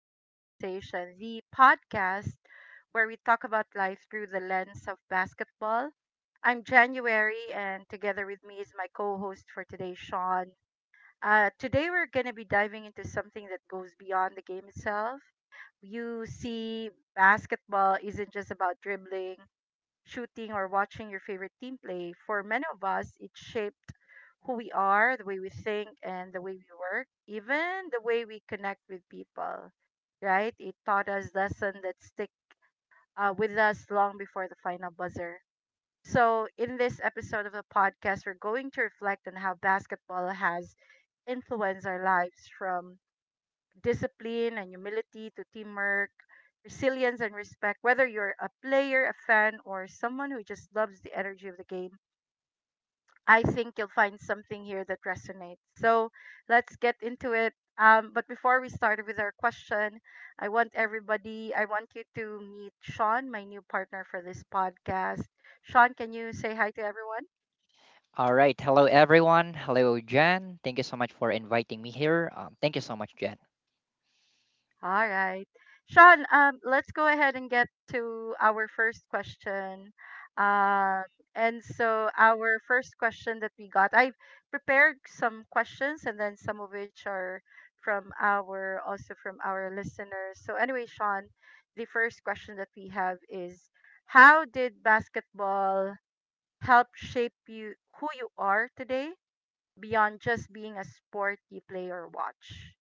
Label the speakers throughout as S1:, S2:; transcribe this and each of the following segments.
S1: Conversation, the podcast where we talk about life through the lens of basketball. I'm January, and together with me is my co host for today, Sean. Today, we're going to be diving into something that goes beyond the game itself. You see, basketball isn't just about dribbling, shooting or watching your favorite team play. For many of us, it shaped who we are, the way we think, and the way we work, even the way we connect with people, right? It taught us lessons that stick with us long before the final buzzer. So, in this episode of the podcast, we're going to reflect on how basketball has influenced our lives from discipline and humility to teamwork, resilience and respect. Whether you're a player, a fan, or someone who just loves the energy of the game, I think you'll find something here that resonates. So let's get into it. But before we start with our question, I want you to meet Sean, my new partner for this podcast. Sean, can you say hi to everyone?
S2: All right. Hello, everyone. Hello, Jan. Thank you so much for inviting me here. Thank you so much, Jan.
S1: All right. Sean, let's go ahead and get to our first question. Um, and so our first question that we got, I've prepared some questions and then some of which are from our also from our listeners. So anyway, Sean, the first question that we have is how did basketball help shape you, who you are today, beyond just being a sport you play or watch?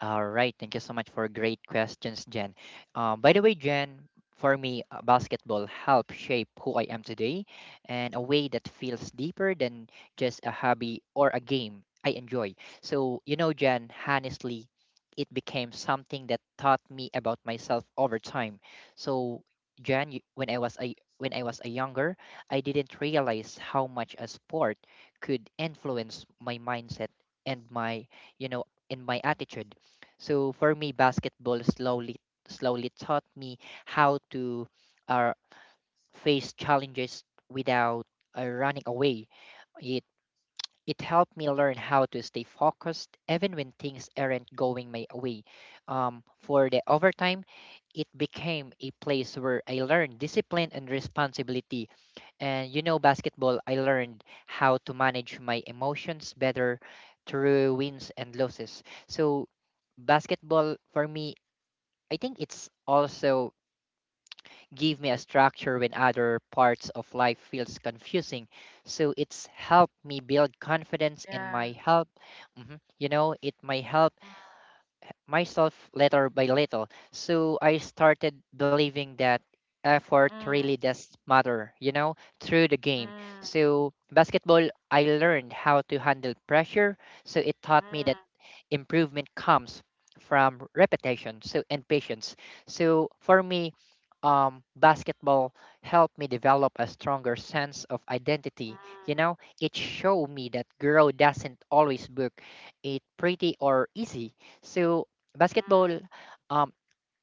S2: All right. Thank you so much for great questions, Jen. By the way, Jen, for me, basketball helped shape who I am today and a way that feels deeper than just a hobby or a game I enjoy. So, you know, Jen, honestly, it became something that taught me about myself over time. So, Jen, when I was a younger, I didn't realize how much a sport could influence my mindset and you know, my attitude. So for me, basketball slowly taught me how to uh, face challenges without running away. It it helped me learn how to stay focused even when things aren't going my way. For the overtime, it became a place where I learned discipline and responsibility. And you know, basketball, I learned how to manage my emotions better through wins and losses. So, basketball for me, I think it's also give me a structure when other parts of life feels confusing, so it's helped me build confidence and
S1: Yeah.
S2: my help. Mhm, you know, it might help myself little by little, so I started believing that effort
S1: Mm,
S2: really does matter, you know, through the game.
S1: mm.
S2: So basketball, I learned how to handle pressure. So it taught me that
S1: Mm,
S2: improvement comes from repetition, so and patience. So for me, basketball helped me develop a stronger sense of identity. You
S1: mm,
S2: know, it showed me that girl doesn't always look it pretty or easy. So basketball,
S1: mm.
S2: uh,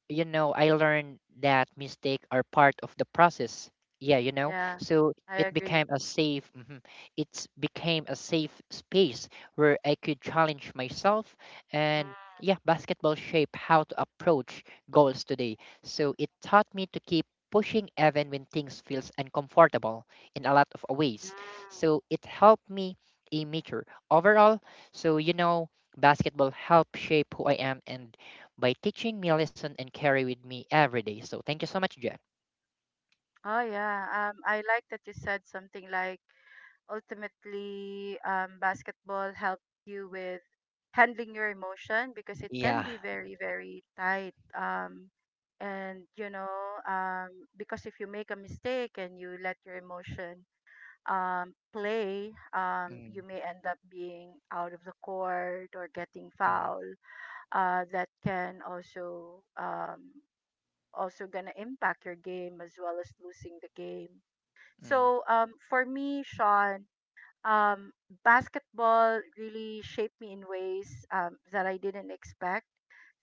S2: you know, I learned that mistakes are part of the process. Yeah, you know,
S1: Yeah,
S2: so
S1: I
S2: it
S1: agree.
S2: became a it's became a safe space where I could challenge myself, and
S1: Mm,
S2: yeah, basketball shaped how to approach goals today. So it taught me to keep pushing even when things feels uncomfortable in a lot of ways.
S1: mm.
S2: So it helped me a mature overall. So you know, basketball helped shape who I am and by teaching me a lesson and carry with me every day. So thank you so much, Jen.
S1: Oh yeah. I like that you said something like, ultimately, basketball helped you with handling your emotion, because it can
S2: Yeah.
S1: be very, very tight. And you know, um, because if you make a mistake and you let your emotion play, you
S2: Mm,
S1: may end up being out of the court or getting
S2: mm,
S1: fouled. That can also Also gonna impact your game as well as losing the game.
S2: mm,
S1: So for me, Sean, um, basketball really shaped me in ways that I didn't expect.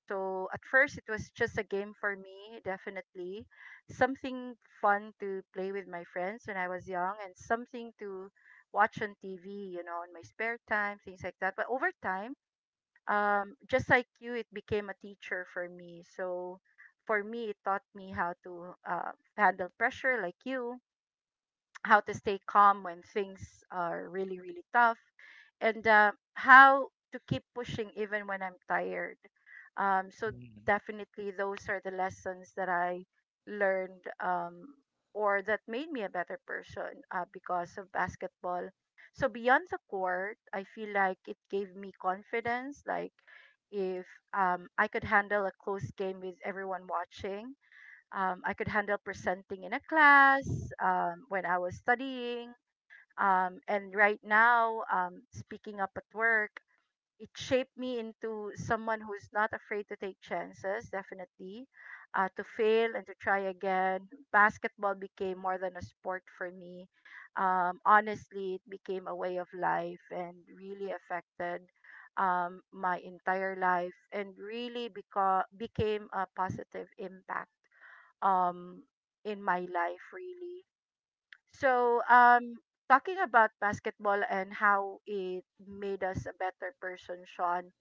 S1: So at first, it was just a game for me, definitely something fun to play with my friends when I was young, and something to watch on TV, you know, in my spare time, things like that. But over time, just like you, it became a teacher for me. So for me, it taught me how to handle pressure, like you, how to stay calm when things are really, really tough, and how to keep pushing even when I'm tired. So
S2: mm,
S1: definitely, those are the lessons that I learned, or that made me a better person because of basketball. So beyond the court, I feel like it gave me confidence. Like if I could handle a close game with everyone watching, I could handle presenting in a class when I was studying. And right now, speaking up at work, it shaped me into someone who's not afraid to take chances, definitely, to fail and to try again. Basketball became more than a sport for me. Honestly, it became a way of life and really affected my entire life and really became a positive impact um in my life really. So talking about basketball and how it made us a better person, Sean,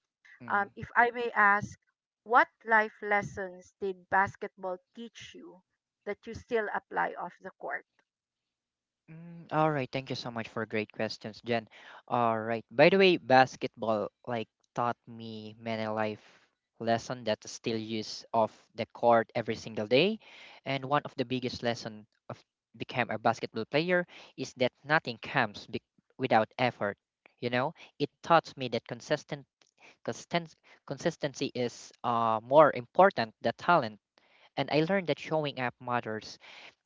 S2: mm.
S1: if I may ask, what life lessons did basketball teach you that you still apply off the court?
S2: Mm, all right. Thank you so much for great questions, Jen. All right. By the way, basketball like taught me many life lesson that I still use off the court every single day. And one of the biggest lesson of become a basketball player is that nothing comes without effort. You know, it taught me that Consisten- consistency is more important than talent. And I learned that showing up matters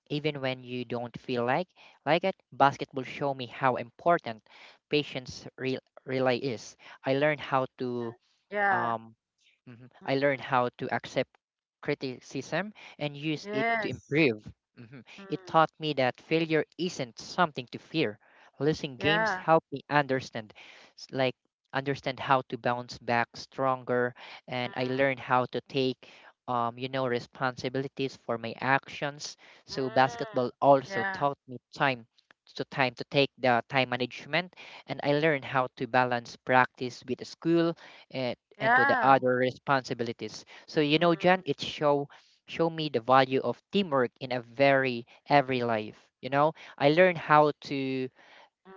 S2: even when you don't feel like it. Basketball showed me how important patience re- relay is. I learned how to
S1: Mm, yeah.
S2: um, mhm,
S1: Mm,
S2: I learned how to accept criticism and use it to
S1: yes.
S2: improve. Mhm. It
S1: Mm,
S2: taught me that failure isn't something to fear. Losing games
S1: yeah.
S2: helped me understand, s- like understand how to bounce back stronger, and I
S1: Mm,
S2: learned how to take, you know, responsibilities for my actions. So
S1: mm,
S2: basketball also
S1: yeah.
S2: taught me time to time to take the time management, and I learned how to balance practice with school, uh, and to the
S1: Yeah.
S2: other responsibilities. So you know, Jan,
S1: Mm,
S2: it show me the value of teamwork in a very every life. You know, I learned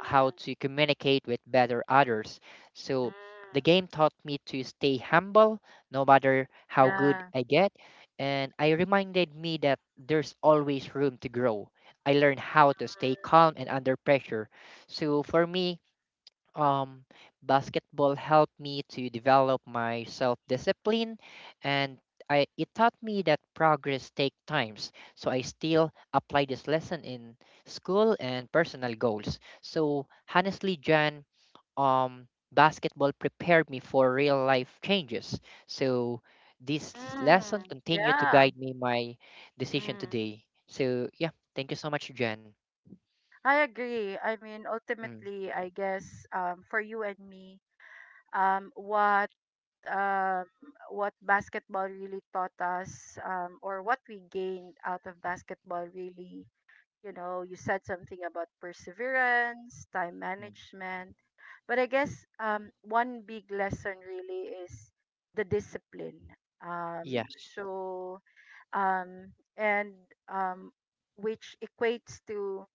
S2: how to communicate with better others. So
S1: mm,
S2: the game taught me to stay humble no matter how good
S1: yeah.
S2: I get. And I reminded me that there's always room to grow. I learned how to stay calm and under pressure. So for me, um, basketball helped me to develop my self-discipline and it taught me that progress takes times. So I still apply this lesson in school and personal goals. So honestly, Jan, um, basketball prepared me for real life changes. So this lesson
S1: Mm,
S2: continue to
S1: yeah.
S2: guide me my decision
S1: Mm.
S2: today. So yeah, thank you so much, Jan.
S1: I agree. I mean,
S2: Mm,
S1: ultimately, I guess for you and me, um, what um, what basketball really taught us, or what we gained out of basketball, really, you know, you said something about perseverance, time
S2: mm.
S1: management, but I guess one big lesson really is the discipline. Um,
S2: Yes.
S1: so and um, which equates to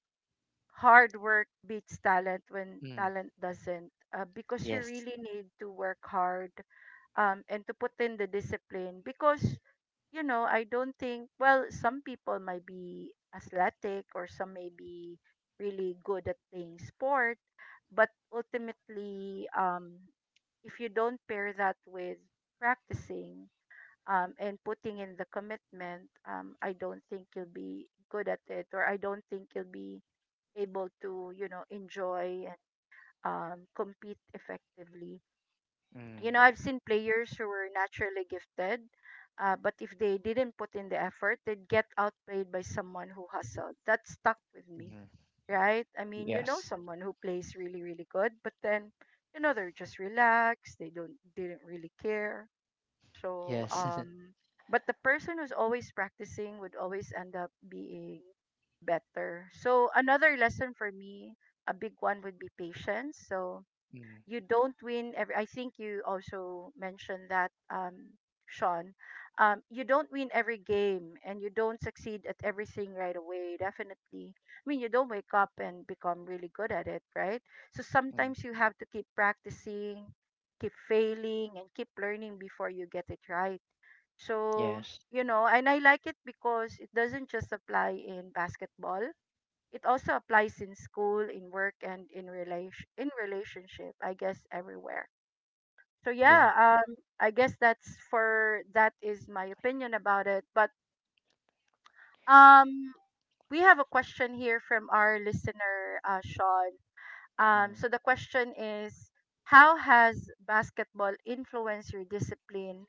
S1: hard work beats talent when
S2: Mm,
S1: talent doesn't because you
S2: yes.
S1: really need to work hard, and to put in the discipline, because you know, I don't think, well, some people might be athletic or some may be really good at playing sport, but ultimately, if you don't pair that with practicing, and putting in the commitment, I don't think you'll be good at it, or I don't think you'll be able to, you know, enjoy and compete effectively.
S2: Mm.
S1: You know, I've seen players who were naturally gifted, but if they didn't put in the effort, they'd get outplayed by someone who hustled. That stuck with me,
S2: Mhm.
S1: right? I mean, you know,
S2: Yes.
S1: someone who plays really, really good, but then, you know, they're just relaxed. They don't didn't really care so,
S2: Yes.
S1: but the person who's always practicing would always end up being better. So, another lesson for me, a big one would be patience. So,
S2: Mm,
S1: you don't win every I think you also mentioned that, sean you don't win every game and you don't succeed at everything right away, definitely. I mean, you don't wake up and become really good at it, right? So
S2: mm.
S1: sometimes you have to keep practicing, keep failing and keep learning before you get it right. So
S2: Yes.
S1: you know, and I like it because it doesn't just apply in basketball, it also applies in school, in work, and in relationship. I guess everywhere. So
S2: Yeah.
S1: yeah, I guess that is my opinion about it. But um, we have a question here from our listener, Sean. Um,
S2: Mm.
S1: so the question is, how has basketball influenced your discipline,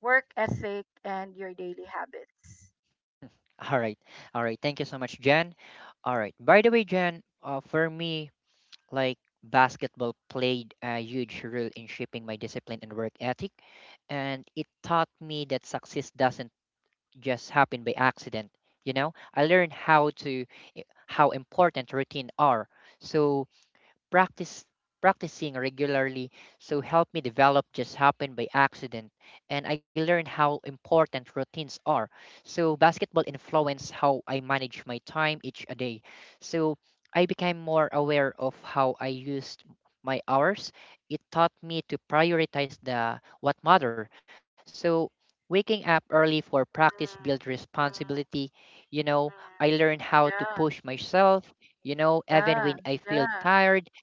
S1: work ethic, and your daily habits?
S2: All right. All right. Thank you so much, Jen. All right. By the way, Jen, for me, like basketball played a huge role in shaping my discipline and work ethic, and it taught me that success doesn't just happen by accident. You know, I learned how to how important routine are. So practice practicing regularly so help me develop just happened by accident, and I learned how important routines are. So basketball influenced how I manage my time each a day. So I became more aware of how I used my hours. It taught me to prioritize the what matter. So waking up early for practice
S1: Mm,
S2: built
S1: mm,
S2: responsibility. You know, I
S1: mm.
S2: learned how to
S1: Yeah,
S2: push myself, you know, even
S1: yeah,
S2: when I feel
S1: yeah.
S2: tired.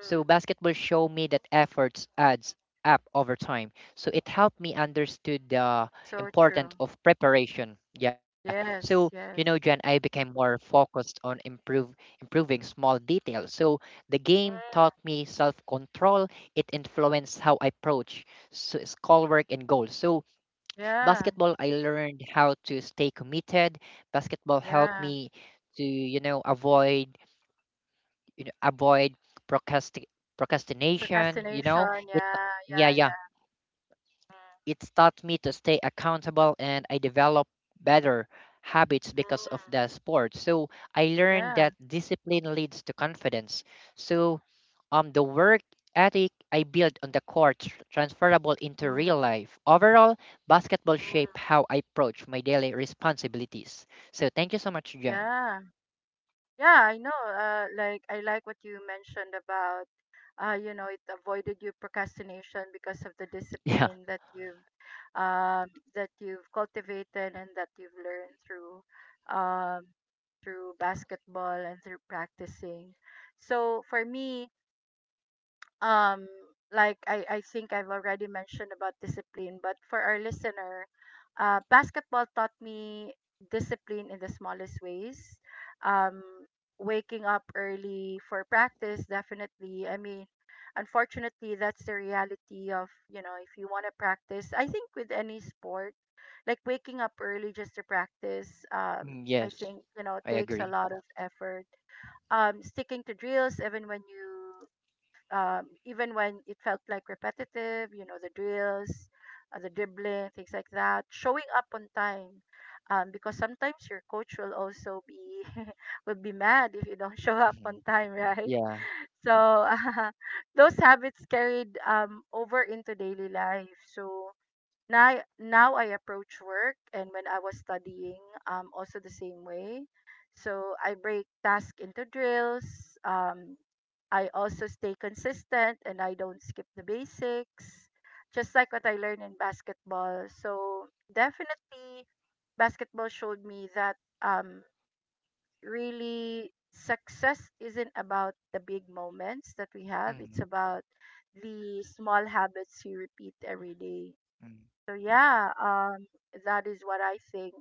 S2: So basketball showed me that efforts adds up over time. So it helped me understood the
S1: so
S2: importance
S1: true.
S2: of preparation. Yeah. So you
S1: Yes,
S2: know, Jen,
S1: yes.
S2: I became more focused on improve improving small details. So the game taught
S1: Mm.
S2: me self control. It influenced how I approach so schoolwork and goals. So
S1: Yeah,
S2: basketball, I learned how to stay committed. Basketball helped
S1: yeah.
S2: me to avoid you know, avoid procrasti- procrastination, you know.
S1: Procrastination.
S2: It
S1: Yeah,
S2: yeah,
S1: yeah,
S2: yeah.
S1: yeah. Mm.
S2: It's taught me to stay accountable and I develop better habits because of
S1: Mm.
S2: the sport. So I learned
S1: Yeah.
S2: that discipline leads to confidence. So the work ethic I built on the court transferable into
S1: Mm.
S2: real life. Overall, basketball shaped
S1: Mm.
S2: how I approach my daily responsibilities. So thank you so much, Jan.
S1: Yeah. Yeah, I know. Like, I like what you mentioned about you know, it avoided you procrastination because of the
S2: Yeah.
S1: discipline um that you've cultivated and that you've learned through um through basketball and through practicing. So for me, um like I think I've already mentioned about discipline, but for our listener, basketball taught me discipline in the smallest ways. Um, Waking up early for practice, definitely. I mean, unfortunately, that's the reality of, you know, if you want to practice, I think with any sport, like waking up early just to practice,
S2: Mm,
S1: I
S2: yes,
S1: think, you know,
S2: I
S1: takes a
S2: agree.
S1: lot of effort, sticking to drills even when you, even when it felt like repetitive, you know, the drills, the dribbling, things like that, showing up on time. Because sometimes your coach will also be will be mad if you don't show up on
S2: Mhm.
S1: time, right?
S2: Yeah.
S1: So those habits carried over into daily life. So now I approach work and when I was studying, also the same way. So I break tasks into drills. I also stay consistent and I don't skip the basics, just like what I learned in basketball. So definitely, basketball showed me that, um, really, success isn't about the big moments that we have. It's
S2: Mm,
S1: about the small habits you repeat every day.
S2: mm.
S1: So yeah, that is what I think.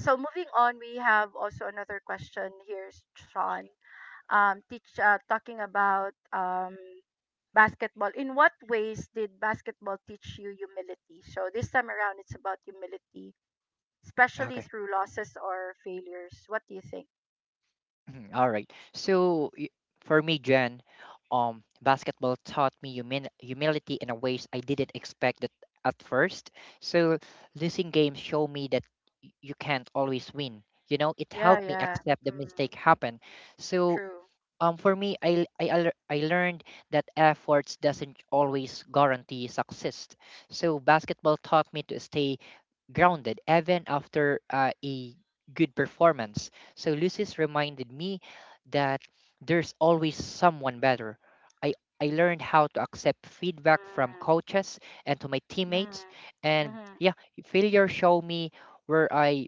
S1: So moving on, we have also another question here, Sean. Teach Talking about basketball, in what ways did basketball teach you humility? So this time around, it's about humility, especially
S2: Okay.
S1: through losses or failures. What do you think?
S2: Mhm, all right. So for me, Jen, basketball taught me humin humility in a ways I didn't expect it at first. So losing games show me that you can't always win. You know, it
S1: Yeah,
S2: helped me
S1: yeah.
S2: accept the
S1: Mm,
S2: mistake happen. So
S1: true.
S2: for me, I learned that efforts doesn't always guarantee success. So basketball taught me to stay grounded even after a good performance. So Lucis reminded me that there's always someone better. I I learned how to accept feedback from
S1: Mm,
S2: coaches and to my
S1: mm,
S2: teammates, and
S1: mm,
S2: yeah, failure showed me where I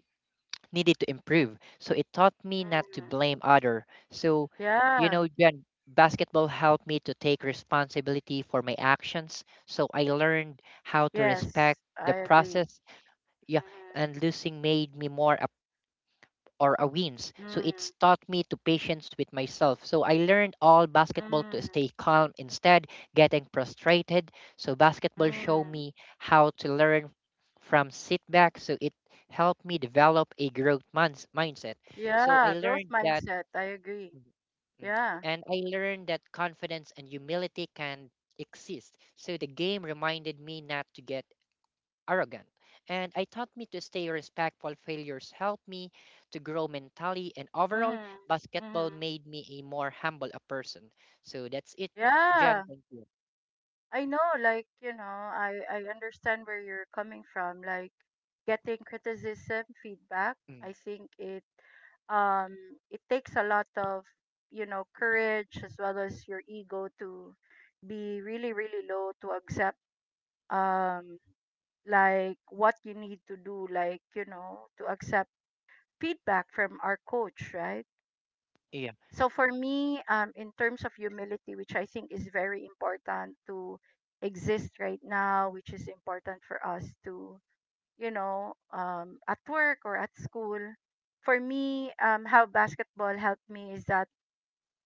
S2: needed to improve. So it taught me not to
S1: mm.
S2: blame other. So you
S1: Yeah.
S2: know, Jen, basketball helped me to take responsibility for my actions. So I learned how to respect
S1: Yes,
S2: the
S1: I agree.
S2: process, yeah, and losing made me more up or a wins.
S1: Mm,
S2: So it's
S1: mm,
S2: taught me to patience with myself. So I learned all basketball to
S1: mm.
S2: stay calm instead getting frustrated. So basketball showed
S1: Mm.
S2: me how to learn from setbacks. So it helped me develop a growth minds mindset. So I
S1: Yeah, growth
S2: learned that,
S1: mindset. I agree.
S2: mm,
S1: Yeah.
S2: and I learned that confidence and humility can exist. So the game reminded me not to get arrogant, and I taught me to stay respectful. Failures helped me to grow mentally, and overall,
S1: Mm. Mm.
S2: basketball made me a more humble a person. So that's it,
S1: Yeah.
S2: Jan. Thank you.
S1: I know, like, you know, I understand where you're coming from, like getting criticism, feedback.
S2: Mm,
S1: I think it, um it takes a lot of, you know, courage as well as your ego to be really, really low to accept, um like what you need to do, like, you know, to accept feedback from our coach, right?
S2: yeah,
S1: So for me, in terms of humility, which I think is very important to exist right now, which is important for us to, you know, at work or at school. For me, how basketball helped me is that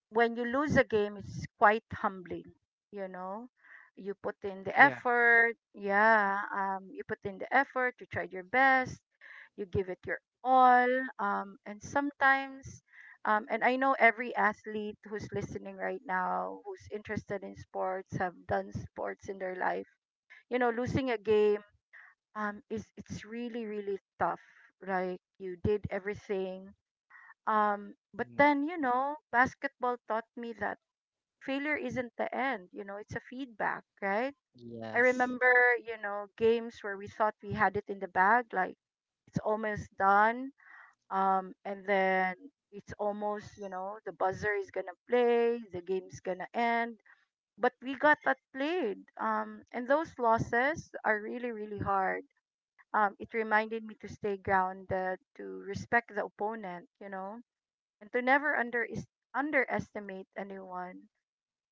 S1: when you lose a game, it's quite humbling. You know, you put in the
S2: yeah,
S1: effort. Yeah, you put in the effort. You tried your best, you give it your all, and sometimes and I know every athlete who's listening right now who's interested in sports have done sports in their life. You know, losing a game is it's really really tough, like you did everything, but
S2: mm,
S1: then you know basketball taught me that failure isn't the end. You know, it's a feedback, right? I
S2: yes,
S1: remember, you know, games where we thought we had it in the bag, like it's almost done, and then it's almost, you know, the buzzer is gonna play, the game's gonna end, but we got that played, and those losses are really really hard. It reminded me to stay grounded, to respect the opponent, you know, and to never underestimate anyone.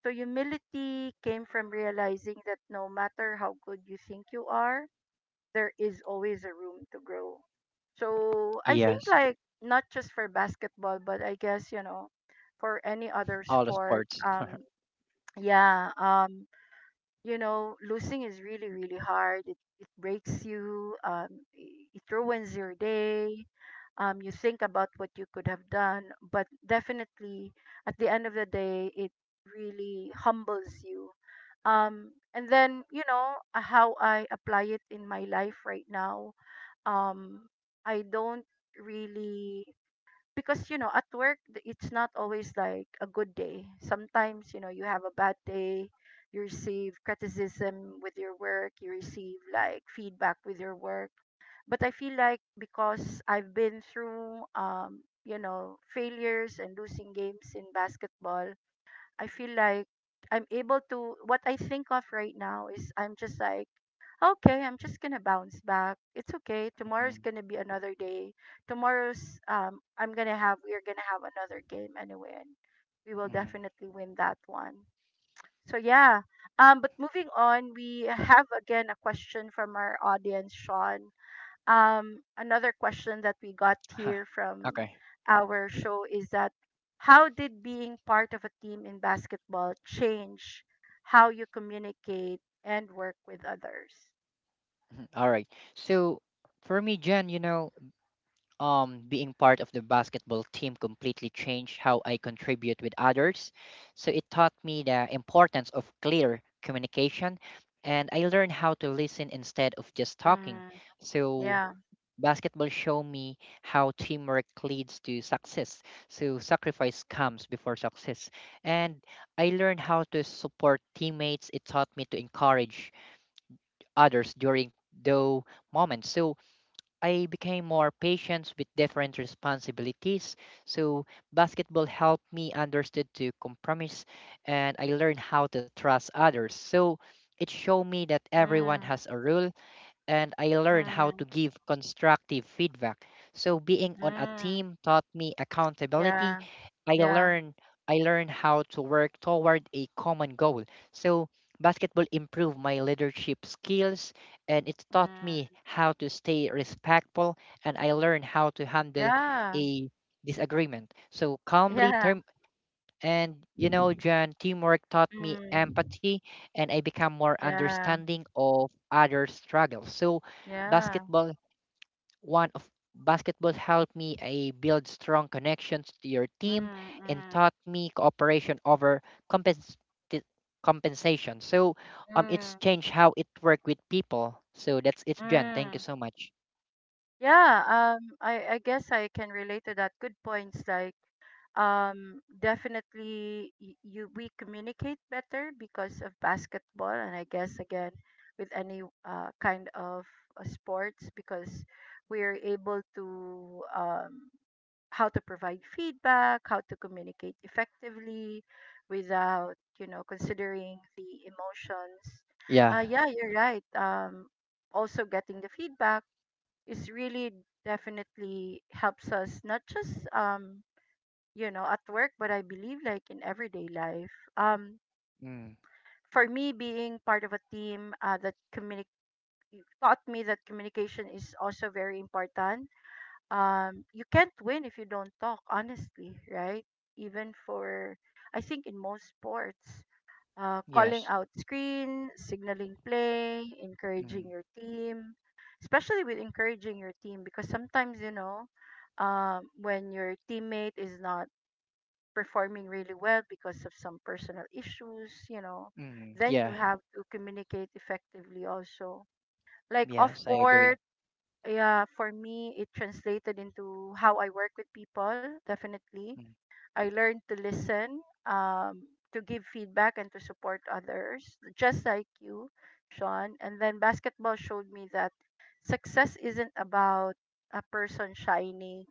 S1: So humility came from realizing that no matter how good you think you are, there is always a room to grow. So I think,
S2: yes.
S1: like, not just for basketball, but I guess, you know, for any other
S2: All the
S1: sport.
S2: sports.
S1: Yeah. You know, losing is really really hard. It breaks you. It ruins your day. You think about what you could have done, but definitely at the end of the day, it really humbles you, and then you know how I apply it in my life right now. um I don't really, because you know at work it's not always like a good day. Sometimes you know you have a bad day, you receive criticism with your work, you receive like feedback with your work. But I feel like because I've been through you know failures and losing games in basketball, I feel like I'm able to what I think of right now is I'm just like, okay, I'm just going to bounce back. It's okay.
S2: Mm,
S1: Tomorrow's going to be another day. Tomorrow's I'm going to have we're going to have another game anyway, and we will
S2: mm.
S1: definitely win that one. So yeah. But moving on, we have again a question from our audience, Sean. Another question that we got here from
S2: Okay.
S1: our show is that how did being part of a team in basketball change how you communicate and work with others?
S2: Mhm. All right. So for me, Jen, you know, being part of the basketball team completely changed how I contribute with others. So it taught me the importance of clear communication, and I learned how to listen instead of just talking.
S1: Mm,
S2: So
S1: yeah.
S2: basketball showed me how teamwork leads to success. So sacrifice comes before success, and I learned how to support teammates. It taught me to encourage others during those moments. So I became more patient with different responsibilities. So basketball helped me understood to compromise and I learned how to trust others. So it showed me that everyone
S1: Mm,
S2: has a role and I learned how to
S1: mm,
S2: give constructive feedback. So being on a
S1: mm,
S2: team taught me accountability.
S1: yeah.
S2: I
S1: Yeah.
S2: learned I learned how to work toward a common goal. So basketball improved my leadership skills and it taught
S1: Mm,
S2: me how to stay respectful and I learned how to handle
S1: yeah.
S2: a disagreement. So calmly
S1: Yeah.
S2: term. And you know, John, teamwork taught me
S1: Mm,
S2: empathy and I become more
S1: yeah.
S2: understanding of other struggles. So
S1: Yeah.
S2: basketball one of basketball helped me I build strong connections to your team
S1: Mm,
S2: and
S1: mm,
S2: taught me cooperation over compens- ti- compensation. So it's
S1: mm,
S2: changed how it work with people. So that's it, John. Thank you
S1: mm.
S2: so much.
S1: Yeah, um, I guess I can relate to that. Good points, like. Definitely, you we communicate better because of basketball, and I guess again with any kind of sports, because we're able to um, how to provide feedback, how to communicate effectively without, you know, considering the emotions.
S2: Yeah.
S1: Yeah, you're right. Also, getting the feedback is really definitely helps us not just you know, at work, but I believe like in everyday life. Um,
S2: Mm,
S1: for me, being part of a team that communic taught me that communication is also very important. You can't win if you don't talk, honestly, right? Even for, I think in most sports, calling
S2: yes.
S1: out screen, signaling play, encouraging
S2: Mm,
S1: your team, especially with encouraging your team, because sometimes, you know, when your teammate is not performing really well because of some personal issues, you know,
S2: mm,
S1: then you
S2: yeah.
S1: have to communicate effectively also. Like off
S2: Yes, I agree.
S1: court, yeah, for me, it translated into how I work with people, definitely.
S2: Mm,
S1: I learned to listen, um, to give feedback and to support others, just like you, Sean. And then basketball showed me that success isn't about a person shining,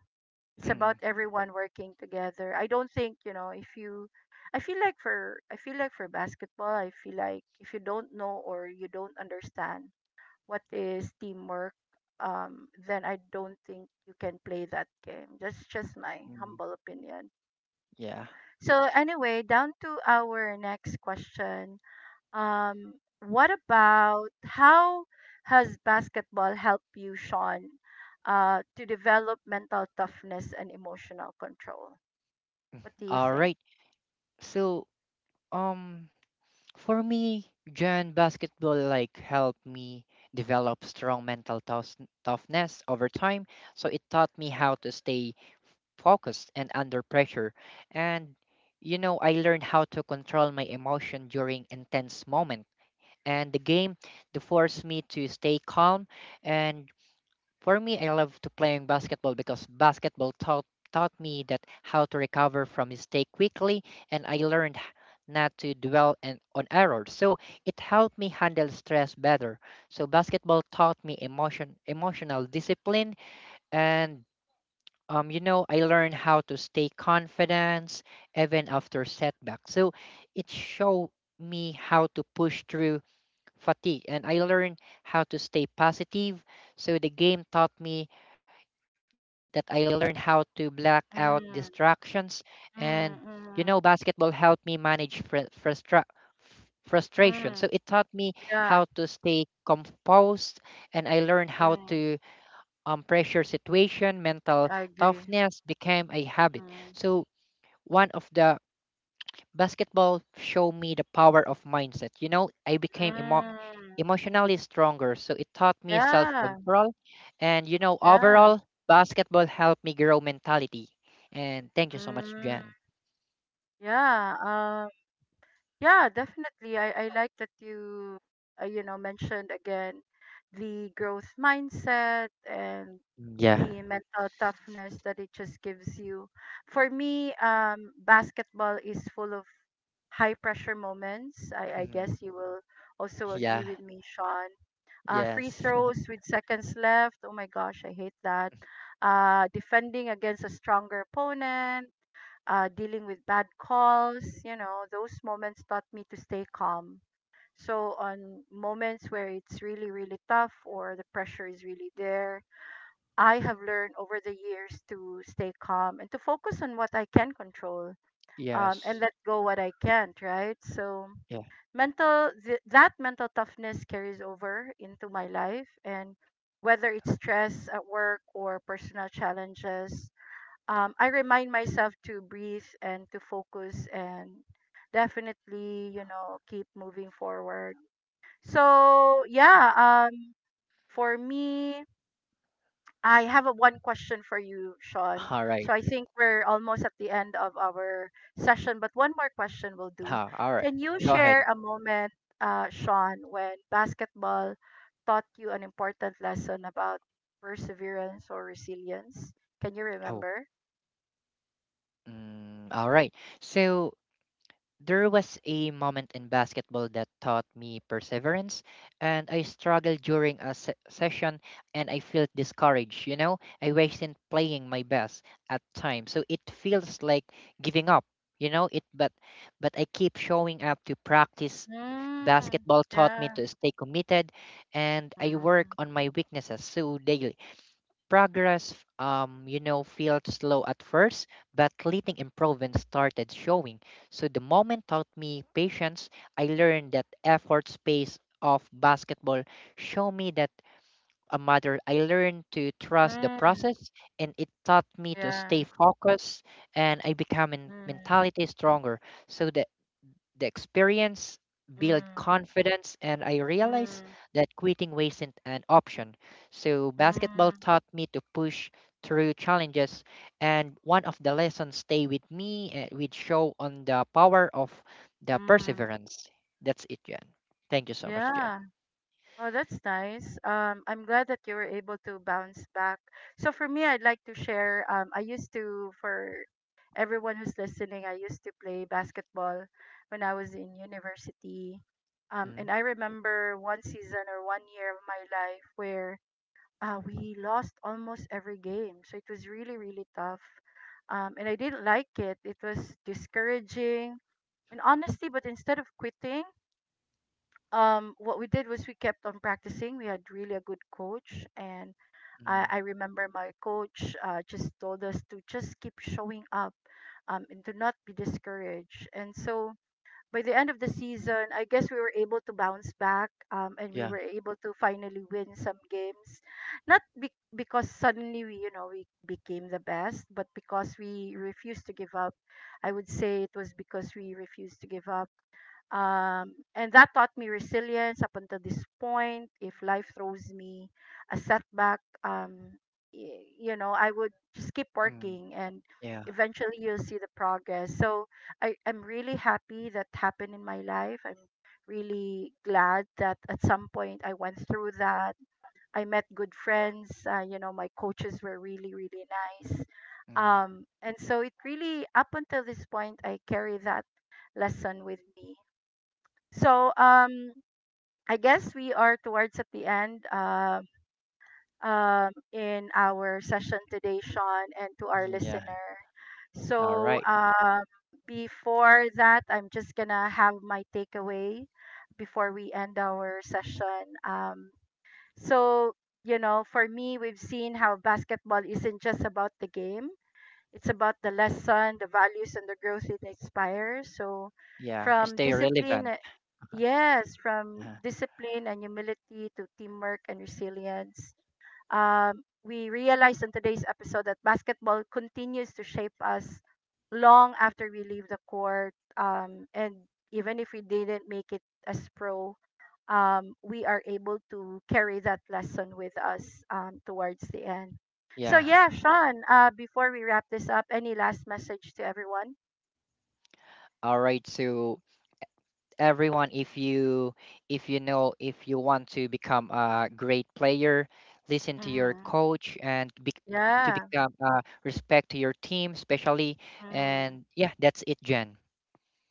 S1: it's about
S2: mm,
S1: everyone working together. I don't think, you know, if you I feel like for basketball, I feel like if you don't know or you don't understand what is teamwork, then I don't think you can play that game. That's just my
S2: mm.
S1: humble opinion.
S2: Yeah.
S1: So anyway, down to our next question. Um, what about how has basketball helped you, Sean, to develop mental toughness and emotional control? What do you
S2: All
S1: think?
S2: right. So, um, for me, Jan, basketball like helped me develop strong toughness over time. So it taught me how to stay focused and under pressure. And you know, I learned how to control my emotion during intense moment. And the game, to force me to stay calm and for me, I love to playing basketball because basketball taught taught me that how to recover from mistake quickly, and I learned not to dwell and, on errors. So it helped me handle stress better. So basketball taught me emotional discipline, and you know, I learned how to stay confident even after setbacks. So it showed me how to push through fatigue, and I learned how to stay positive. So the game taught me that I learned how to black out
S1: Mm,
S2: distractions.
S1: mm,
S2: And, you
S1: mm,
S2: know, basketball helped me manage frustration.
S1: mm,
S2: So it taught me
S1: yeah,
S2: how to stay composed and I learned how
S1: mm,
S2: to pressure situation, mental
S1: I agree.
S2: toughness became a habit.
S1: Mm,
S2: So one of the basketball showed me the power of mindset. You know, I became
S1: mm,
S2: emotionally stronger, so it taught me self
S1: yeah,
S2: control. And, you know,
S1: yeah,
S2: overall, basketball helped me grow mentality. And thank you so much,
S1: mm,
S2: Jen.
S1: yeah. Yeah, definitely. I like that you, you know, mentioned again the growth mindset and
S2: Yeah.
S1: the mental toughness that it just gives you. For me, basketball is full of high pressure moments. I
S2: Mhm.
S1: guess you will also agree
S2: Yeah,
S1: with me, Sean. Free
S2: yes,
S1: throws with seconds left. Oh my gosh, I hate that. Defending against a stronger opponent, dealing with bad calls, you know, those moments taught me to stay calm. So, on moments where it's really, really tough or the pressure is really there, I have learned over the years to stay calm and to focus on what I can control, and
S2: yes,
S1: let go what I can't, right? So,
S2: yeah.
S1: that mental toughness carries over into my life, and whether it's stress at work or personal challenges, I remind myself to breathe and to focus and definitely, you know, keep moving forward. So, yeah, for me, I have a one question for you, Sean.
S2: All
S1: So
S2: right.
S1: I think we're almost at the end of our session, but one more question will do.
S2: Ha, all right.
S1: Can you
S2: Go
S1: share
S2: ahead.
S1: a moment, Sean, when basketball taught you an important lesson about perseverance or resilience? Can you
S2: Oh,
S1: remember?
S2: mm, all right. So, there was a moment in basketball that taught me perseverance, and I struggled during a session and I felt discouraged. You know, I wasn't playing my best at times, so it feels like giving up. You know, it but I keep showing up to practice.
S1: Mm,
S2: Basketball taught me
S1: yeah.
S2: to stay committed, and I work
S1: Mm,
S2: on my weaknesses so daily. Progress, you know, felt slow at first, but leading improvement started showing. So the moment taught me patience. I learned that effort space of basketball show me that a matter. I learned to trust the
S1: mm,
S2: process, and it taught me to
S1: yeah.
S2: stay focused, and I become in
S1: Mm,
S2: mentality stronger. So the experience built
S1: mm,
S2: confidence, and I realized
S1: mm,
S2: that quitting wasn't an option. So, basketball
S1: mm,
S2: taught me to push through challenges, and one of the lessons stay with me, and which show on the power of the
S1: mm.
S2: perseverance. That's it, Jen. Thank you so much, Jen.
S1: Yeah. Oh, that's nice. I'm glad that you were able to bounce back. So for me, I'd like to share. I used to, for everyone who's listening, I used to play basketball when I was in university. And
S2: Mm,
S1: I remember one season or one year of my life where we lost almost every game. So it was really, really tough. And I didn't like it. It was discouraging. And honestly, but instead of quitting, what we did was we kept on practicing. We had really a good coach. And
S2: mm,
S1: I remember my coach just told us to just keep showing up, and to not be discouraged. And so by the end of the season, I guess we were able to bounce back, and we
S2: yeah.
S1: were able to finally win some games. Not be- because suddenly we, you know, we became the best, but because we refused to give up. I would say it was because we refused to give up, and that taught me resilience up until this point. If life throws me a setback, you know, I would just keep
S2: Mm,
S1: working, and
S2: yeah.
S1: eventually you'll see the progress. So I'm really happy that happened in my life. I'm really glad that at some point I went through that. I met good friends. You know, my coaches were really, really nice.
S2: Mm,
S1: And so it really, up until this point, I carry that lesson with me. So I guess we are towards at the end in our session today, Sean, and to our
S2: yeah.
S1: listener.
S2: All
S1: So
S2: right.
S1: before that, I'm just gonna have my takeaway before we end our session. So you know, for me, we've seen how basketball isn't just about the game. It's about the lesson, the values, and the growth it inspires. So,
S2: Yeah.
S1: from
S2: Stay
S1: discipline,
S2: relevant.
S1: yes, from
S2: Uh,
S1: discipline and humility to teamwork and resilience. We realized in today's episode that basketball continues to shape us long after we leave the court, and even if we didn't make it as pro, we are able to carry that lesson with us, towards the end. So
S2: yeah.
S1: yeah, Sean. Before we wrap this up, any last message to everyone?
S2: All right. So everyone, if you know if you want to become a great player, listen to your
S1: Mm-hmm.
S2: coach and be, to
S1: Yeah.
S2: become, respect to your team especially,
S1: Mm.
S2: and yeah, that's it, Jen.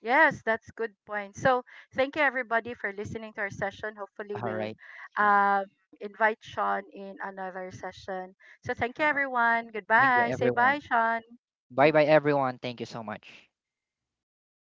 S1: Yes, that's good point. So thank you everybody for listening to our session. Hopefully
S2: All
S1: we'll
S2: right.
S1: uh, invite Sean in another session. So thank you
S2: All right.
S1: everyone.
S2: Thank you,
S1: Goodbye. Say
S2: everyone.
S1: bye, Sean.
S2: Bye bye, everyone. Thank you so much.